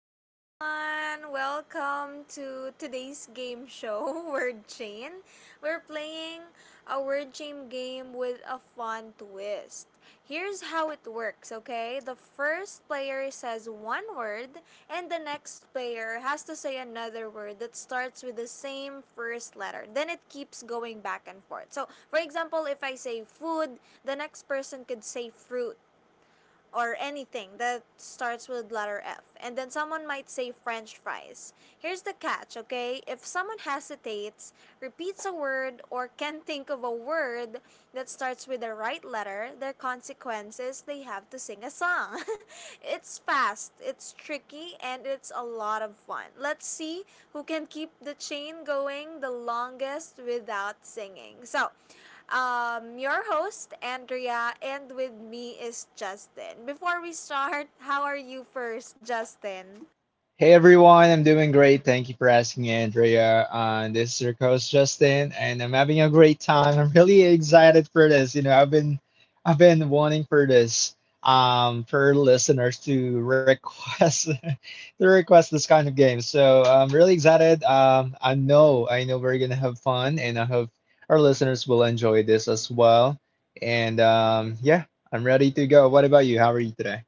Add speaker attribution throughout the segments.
Speaker 1: everyone! Welcome to today's game show, Word Chain. We're playing a word chain game with a fun twist. Here's how it works, okay? The first player says one word, and the next player has to say another word that starts with the same first letter. Then it keeps going back and forth. So, for example, if I say food, the next person could say fruit or anything that starts with letter F. And then someone might say french fries. Here's the catch, okay? If someone hesitates, repeats a word, or can't think of a word that starts with the right letter, their consequence is they have to sing a song. It's fast, it's tricky, and it's a lot of fun. Let's see who can keep the chain going the longest without singing. So, your host, Andrea, and with me is Justin. Before we start, how are you first, Justin?
Speaker 2: Hey everyone, I'm doing great. Thank you for asking, Andrea. This is your host Justin, and I'm having a great time. I'm really excited for this. I've been wanting for this, for listeners to request, to request this kind of game. So I'm really excited. I know we're gonna have fun, and I hope our listeners will enjoy this as well. And um, yeah, I'm ready to go. What about you? How are you today?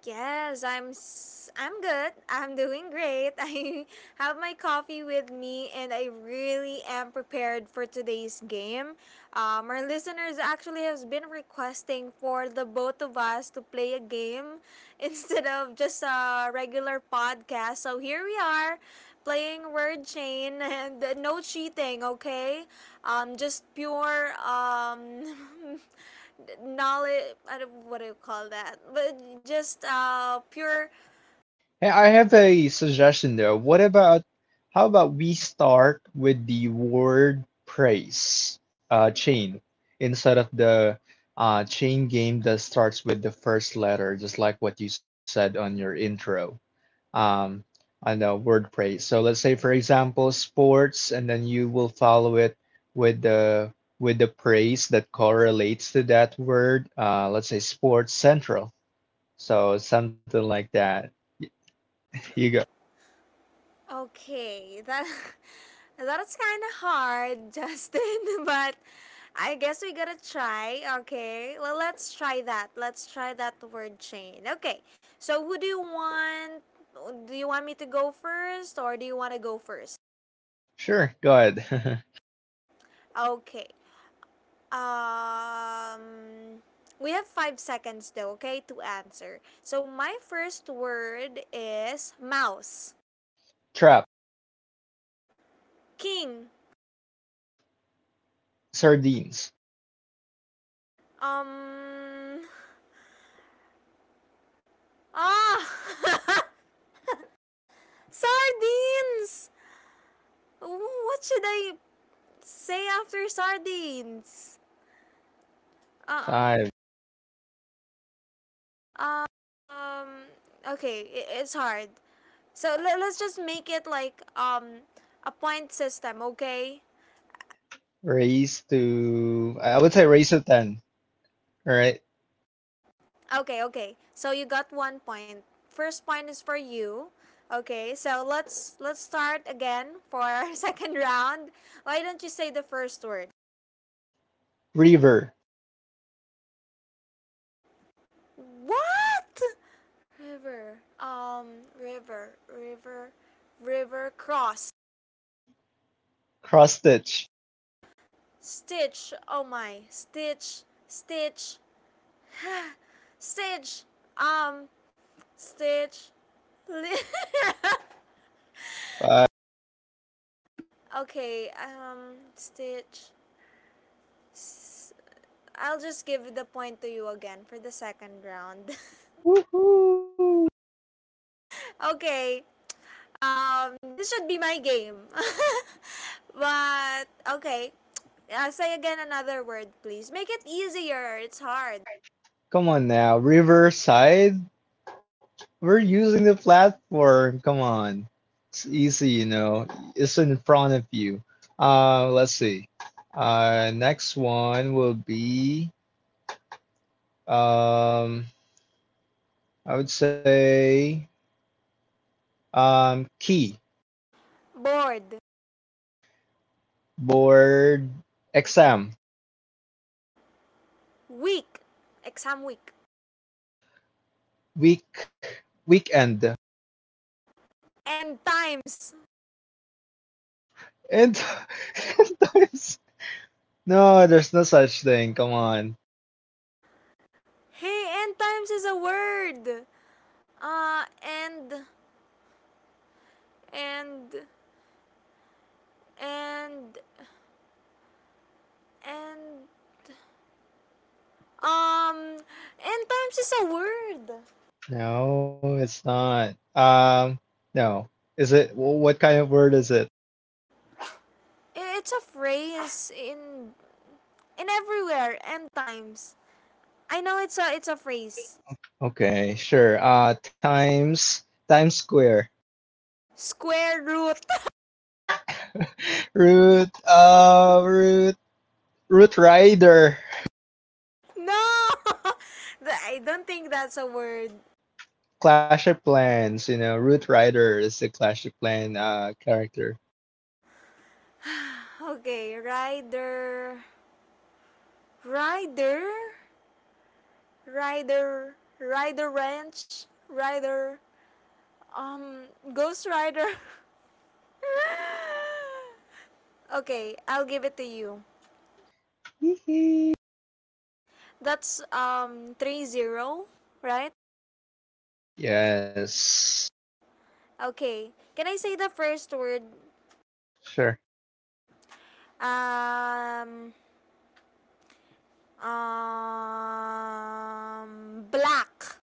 Speaker 1: Yes, I'm good. I'm doing great. I have my coffee with me and I really am prepared for today's game. Our listeners actually has been requesting for the both of us to play a game instead of just a regular podcast. So here we are, playing word chain and no cheating, okay? Just pure knowledge. I don't, what do you call that? But just pure.
Speaker 2: Hey, I have a suggestion though. What about how about we start with the WordPress chain instead of the chain game that starts with the first letter, just like what you said on your intro. Um, on the WordPress. So let's say for example sports, and then you will follow it with the with the praise that correlates to that word. Let's say sports central. So something like that. You go.
Speaker 1: Okay, that that's kind of hard, Justin. But I guess we gotta try. Okay, well, let's try that. Let's try that word chain. Okay, so who do you want? Do you want me to go first, or do you want to go first?
Speaker 2: Sure, go ahead.
Speaker 1: Okay. Um, we have 5 seconds though, okay, to answer. So my first word is mouse.
Speaker 2: Trap,
Speaker 1: King.
Speaker 2: sardines,
Speaker 1: Um. Ah. sardines. What should I say after sardines? Uh.
Speaker 2: five.
Speaker 1: Uh. Um. Okay, it's hard. So let's just make it like a point system, okay?
Speaker 2: I would say raise to 10. All right.
Speaker 1: Okay, okay. So you got 1 point. First point is for you. Okay, so let's start again for our second round. Why don't you say the first word?
Speaker 2: River,
Speaker 1: What? River. River cross.
Speaker 2: cross stitch,
Speaker 1: Stitch. Oh my. Stitch, stitch. Um, stitch.
Speaker 2: five.
Speaker 1: okay, stitch. I'll just give the point to you again for the second round.
Speaker 2: Woohoo!
Speaker 1: okay. This should be my game. but okay. Say again another word, please. Make it easier. It's hard.
Speaker 2: Come on now, Riverside. We're using the platform. Come on. It's easy, you know. It's in front of you. Let's see. Next one will be, um, I would say, key.
Speaker 1: Bored.
Speaker 2: Board exam
Speaker 1: Week. Exam week.
Speaker 2: week weekend and,
Speaker 1: End times.
Speaker 2: and there's, no, there's no such thing, come on.
Speaker 1: Hey, end times is a word. End. End. End. End. um, End times is a word.
Speaker 2: No, it's not, no is it what kind of word is it?
Speaker 1: It's a phrase in everywhere and times. I know it's a phrase.
Speaker 2: Okay, sure. Times, times square
Speaker 1: Square root.
Speaker 2: root. Root rider.
Speaker 1: No, I don't think that's a word.
Speaker 2: Clash of plans, you know, root rider is the clash of plan character.
Speaker 1: Okay, rider, rider ranch, rider. Um, Ghost Rider. okay, I'll give it to you. That's 3-0, right?
Speaker 2: Yes,
Speaker 1: Okay. Can I say the first word?
Speaker 2: sure.
Speaker 1: Um, black.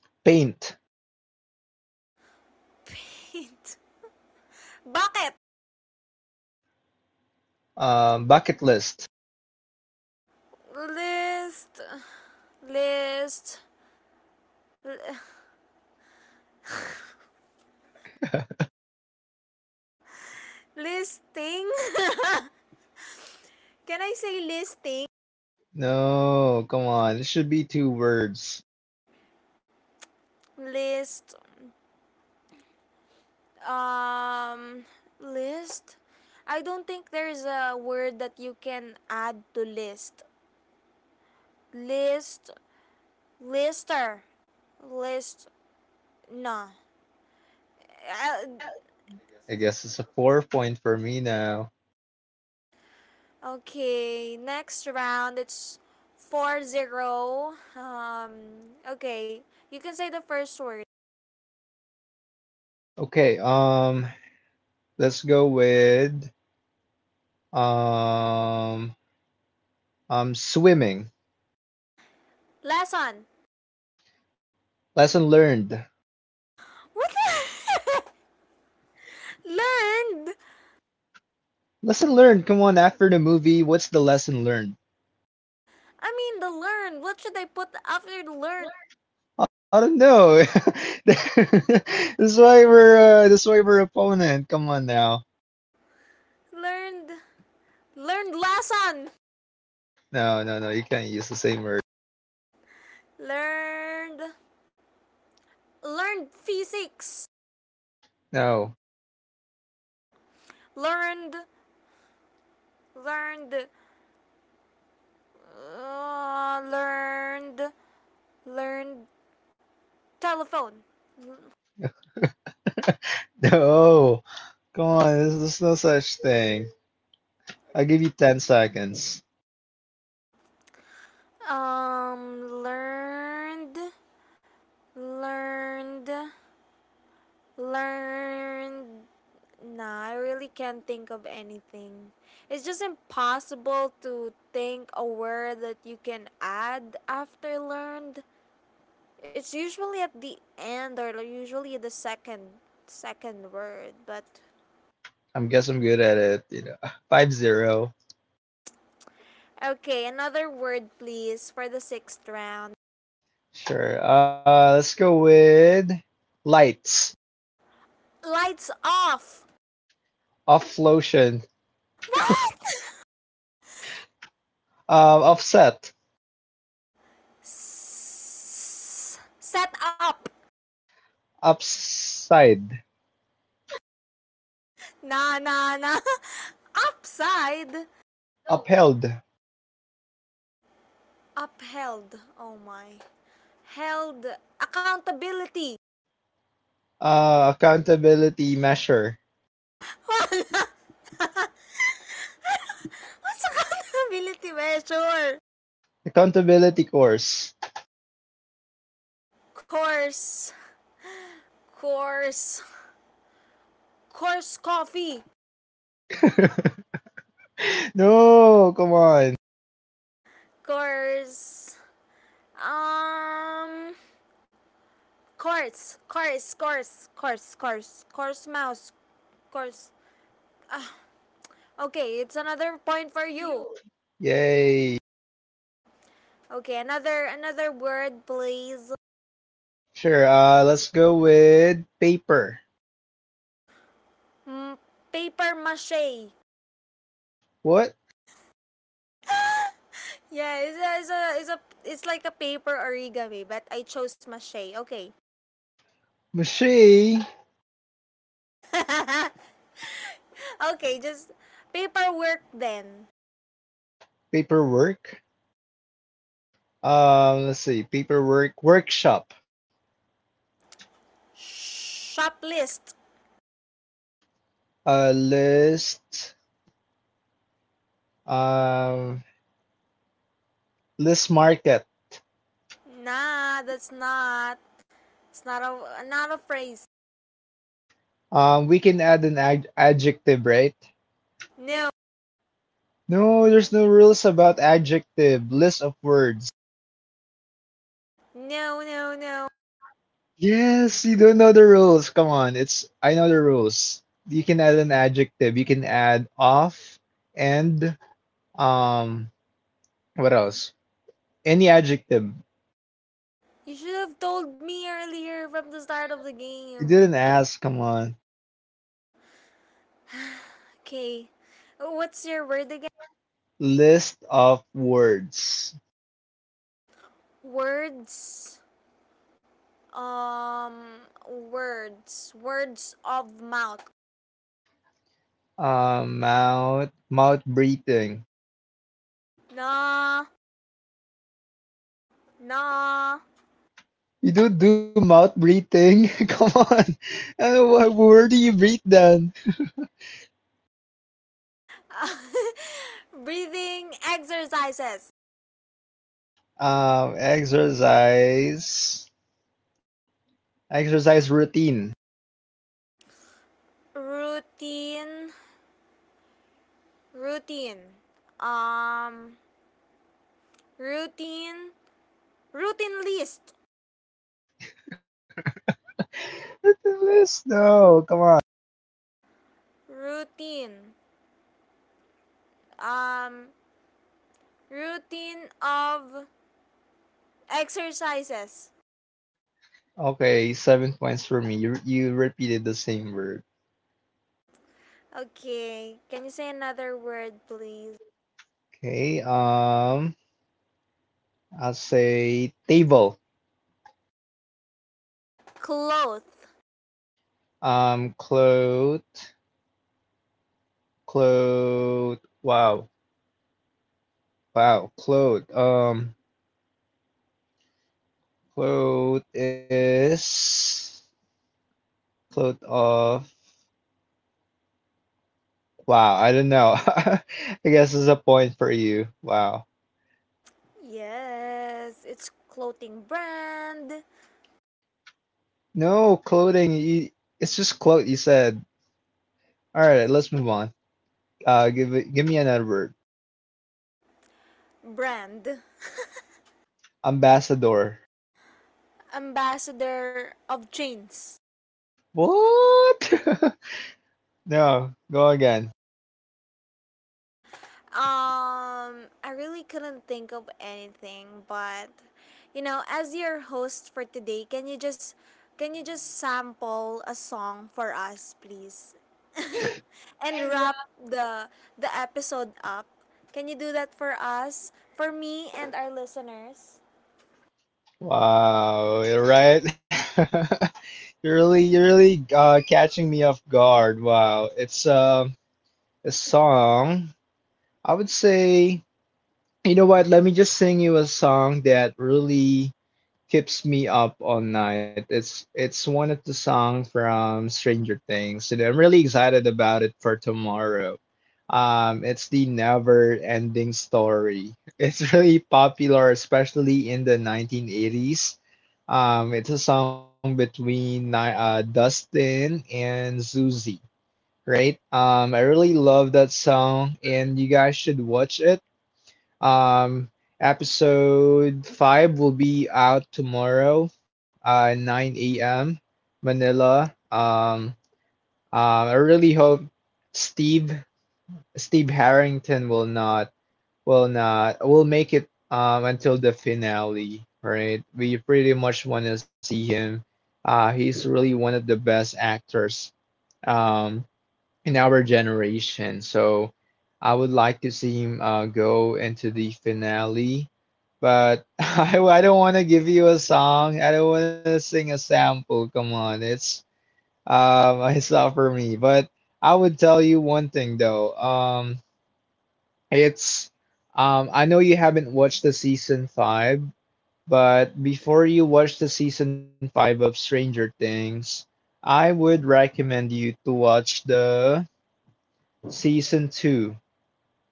Speaker 2: Paint.
Speaker 1: Paint. Bakit?
Speaker 2: Bucket list.
Speaker 1: List, list, listing? Can I say listing?
Speaker 2: No, come on. It should be two words.
Speaker 1: List, um, list? I don't think there's a word that you can add to list. List, lister, list, no. Uh,
Speaker 2: I guess it's a 4 point for me now.
Speaker 1: Okay, next round it's 4-0. Okay, you can say the first word.
Speaker 2: Okay, let's go with um, swimming.
Speaker 1: Lesson.
Speaker 2: Lesson learned.
Speaker 1: What the learned?
Speaker 2: Lesson learned. Come on, after the movie, what's the lesson learned?
Speaker 1: I mean the learned. What should I put after the learned?
Speaker 2: I don't know. That's why we're opponent. Come on now.
Speaker 1: Learned learned lesson.
Speaker 2: No, no, no. You can't use the same word.
Speaker 1: Learned learned physics.
Speaker 2: No,
Speaker 1: Learned learned uh, learned learned telephone.
Speaker 2: no. Come on, there's no such thing. I'll give you 10 seconds.
Speaker 1: Um learned Learned, learned. Nah, I really can't think of anything. It's just impossible to think a word that you can add after learned. It's usually at the end or usually the second word, but
Speaker 2: I'm guess I'm good at it, you know. 5-0.
Speaker 1: okay, another word please for the sixth round.
Speaker 2: Sure. Let's go with lights,
Speaker 1: Lights off.
Speaker 2: off, lotion,
Speaker 1: What?
Speaker 2: offset,
Speaker 1: Set up.
Speaker 2: upside,
Speaker 1: Nah, nah, nah. Upside.
Speaker 2: upheld,
Speaker 1: Upheld. Oh my. Held accountability.
Speaker 2: accountability measure,
Speaker 1: Wala. What's accountability measure?
Speaker 2: accountability course.
Speaker 1: Course. Course. Course coffee.
Speaker 2: No, come on.
Speaker 1: Course. Um. Course mouse. Course. Ah, okay, it's another point for you.
Speaker 2: Yay.
Speaker 1: Okay, another word, please.
Speaker 2: Sure. Let's go with paper.
Speaker 1: Mm, paper mache.
Speaker 2: What?
Speaker 1: Yeah, it's like a paper origami, but I chose mache. Okay.
Speaker 2: Machine.
Speaker 1: okay, just paperwork then.
Speaker 2: Paperwork. Let's see, paperwork workshop,
Speaker 1: Shop list.
Speaker 2: list, um, list market.
Speaker 1: Nah, that's not. It's not a phrase.
Speaker 2: We can add an ad adjective, right?
Speaker 1: No,
Speaker 2: No, there's no rules about adjective, list of words.
Speaker 1: no, no, no.
Speaker 2: Yes, you don't know the rules. Come on, it's, I know the rules. You can add an adjective. You can add off and um, what else? Any adjective.
Speaker 1: You should have told me earlier from the start of the
Speaker 2: You
Speaker 1: game.
Speaker 2: didn't ask. Come on,
Speaker 1: Okay. What's your word again?
Speaker 2: list of words.
Speaker 1: Words. Um, Words of mouth.
Speaker 2: Mouth breathing.
Speaker 1: Nah. No.
Speaker 2: You don't do mouth breathing. Come on. Uh, Where do you breathe then?
Speaker 1: Breathing exercises.
Speaker 2: Um, exercise exercise routine.
Speaker 1: Routine. Routine. Um. Routine. Routine list.
Speaker 2: What, the list? No, come on.
Speaker 1: Routine. Um. Routine of exercises.
Speaker 2: Okay, 7 points for me. You repeated the same word.
Speaker 1: Okay. Can you say another word, please?
Speaker 2: Okay. I'll say table.
Speaker 1: Cloth.
Speaker 2: Um, clothe, clothe. Wow, wow, clothe. Cloth is cloth of, wow, I don't know. I guess it's a point for you. Wow.
Speaker 1: Yes. It's clothing brand.
Speaker 2: No, clothing, you, it's just cloth you said. All right, let's move on. Give me another word.
Speaker 1: Brand.
Speaker 2: Ambassador.
Speaker 1: Ambassador of chains.
Speaker 2: What? No, go again.
Speaker 1: I really couldn't think of anything, but as your host for today, can you just sample a song for us, please? and wrap the episode up. Can you do that for us, for me and our listeners?
Speaker 2: Wow, you're right. You're really catching me off guard. Wow. It's a song. I would say, you know what? Let me just sing you a song that really keeps me up all night. It's one of the songs from Stranger Things, and I'm really excited about it for tomorrow. It's the Never Ending Story. It's really popular, especially in the 1980s. It's a song between Dustin and Susie, right? I really love that song, and you guys should watch it, um, episode 5 will be out tomorrow, 9 a.m. Manila. I really hope Steve Steve Harrington will not will not will make it until the finale, right? We pretty much want to see him. He's really one of the best actors. Um, in our generation. So I would like to see him go into the finale, but I don't want to give you a song. I don't want to sing a sample. Come on, it's it's not for me. But I would tell you one thing though. It's I know you haven't watched the season five, but before you watch the season five of Stranger Things, I would recommend you to watch the season two.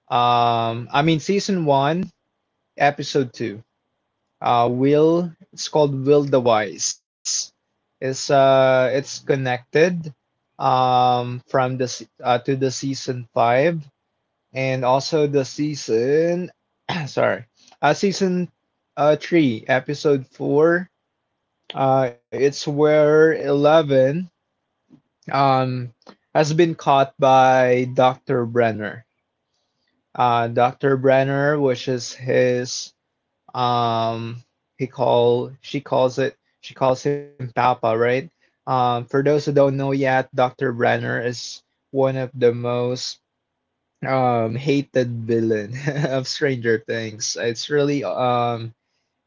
Speaker 2: I mean, season one, episode two. Will. It's called Will the Wise. It's connected to the season five and also the season. Sorry, season three, episode four. It's where Eleven um has been caught by Doctor Brenner. Doctor Brenner, which is his, Um, he call she calls it she calls him Papa, right? For those who don't know yet, Dr. Brenner is one of the most hated villain of Stranger Things. It's really um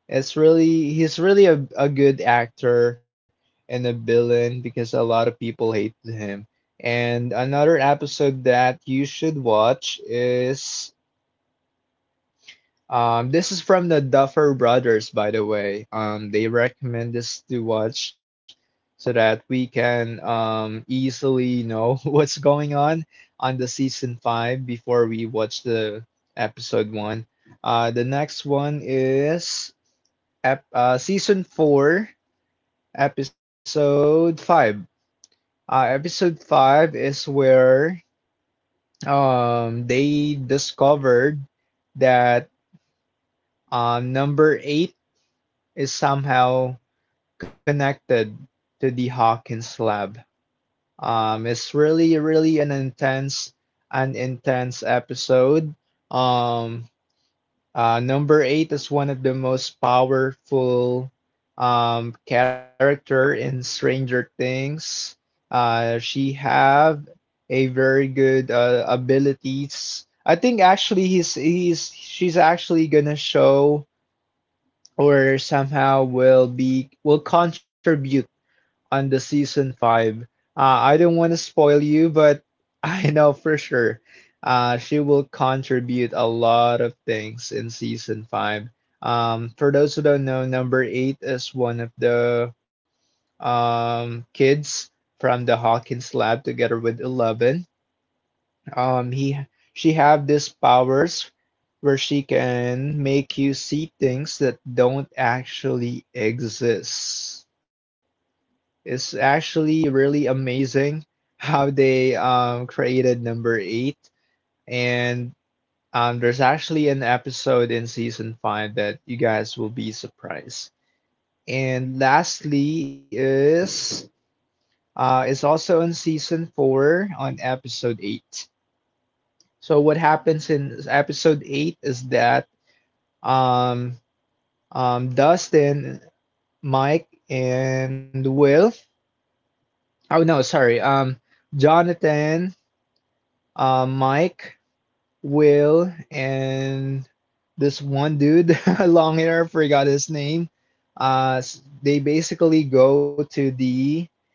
Speaker 2: it's really he's really a good actor and a villain because a lot of people hate him. And another episode that you should watch is, this is from the Duffer Brothers, by the way. They recommend this to watch so that we can easily know what's going on the season five before we watch the episode one. The next one is season four, episode five. Episode five is where they discovered that number eight is somehow connected to the Hawkins lab. It's really, really an intense episode. Um, Number eight is one of the most powerful character in Stranger Things. She have a very good abilities. I think actually he's she's actually gonna show or somehow will be, will contribute on the season five. I don't want to spoil you, but I know for sure she will contribute a lot of things in season five. For those who don't know, number eight is one of the kids from the Hawkins lab together with Eleven. He she have these powers where she can make you see things that don't actually exist. It's actually really amazing how they created number eight. And there's actually an episode in season five that you guys will be surprised. And lastly is, it's also in season four on episode eight. So what happens in episode eight is that um, Dustin, Mike, and Will. Oh no, sorry. Jonathan, Mike, Will, and this one dude, long hair, forgot his name. Uh, they basically go to the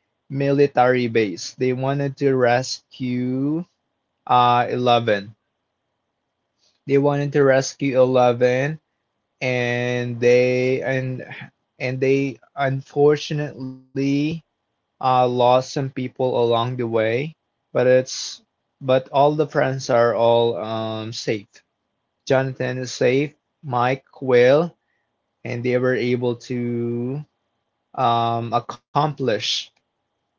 Speaker 2: military base. They wanted to rescue, Eleven. They wanted to rescue Eleven, and they and and they unfortunately, lost some people along the way. But it's but all the friends are all, safe. Jonathan saved Mike Quail, and they were able to, accomplish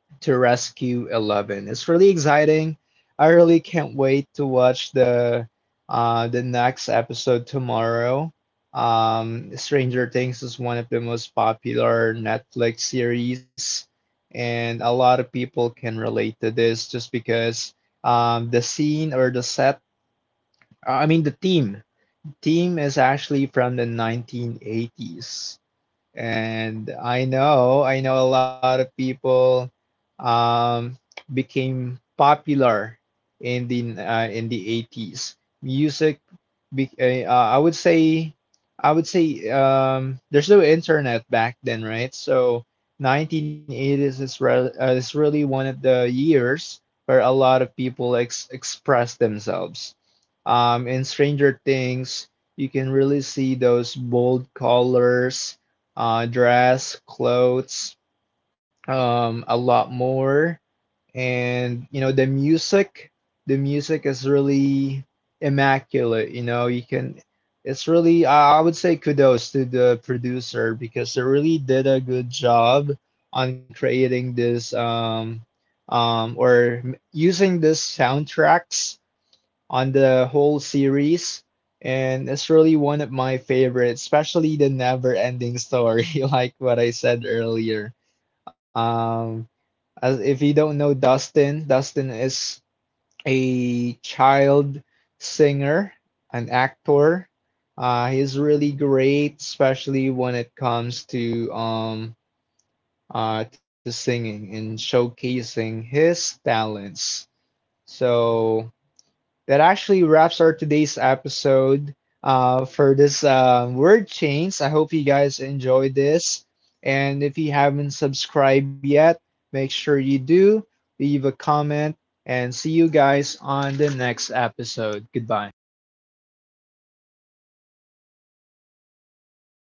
Speaker 2: to rescue Eleven. It's really exciting. I really can't wait to watch the next episode tomorrow. Stranger Things is one of the most popular Netflix series, and a lot of people can relate to this just because the scene or the set, I mean the theme team is actually from 1980s. And I know a lot of people um, became popular in the 80s. Music, be, I would say there's no internet back then, right? So 1980s is is really one of the years where a lot of people express themselves. In Stranger Things, you can really see those bold colors, dress, clothes, a lot more. And you know, the music is really immaculate. You know, it's really, I would say kudos to the producer because they really did a good job on creating this, using this soundtracks on the whole series, and it's really one of my favorites, especially the never-ending story, like what I said earlier. Um, as if you don't know Dustin, Dustin is a child singer, an actor. He's really great, especially when it comes to singing and showcasing his talents. So that actually wraps our today's episode, for this word chains. I hope you guys enjoyed this. And if you haven't subscribed yet, make sure you do. Leave a comment and see you guys on the next episode. Goodbye.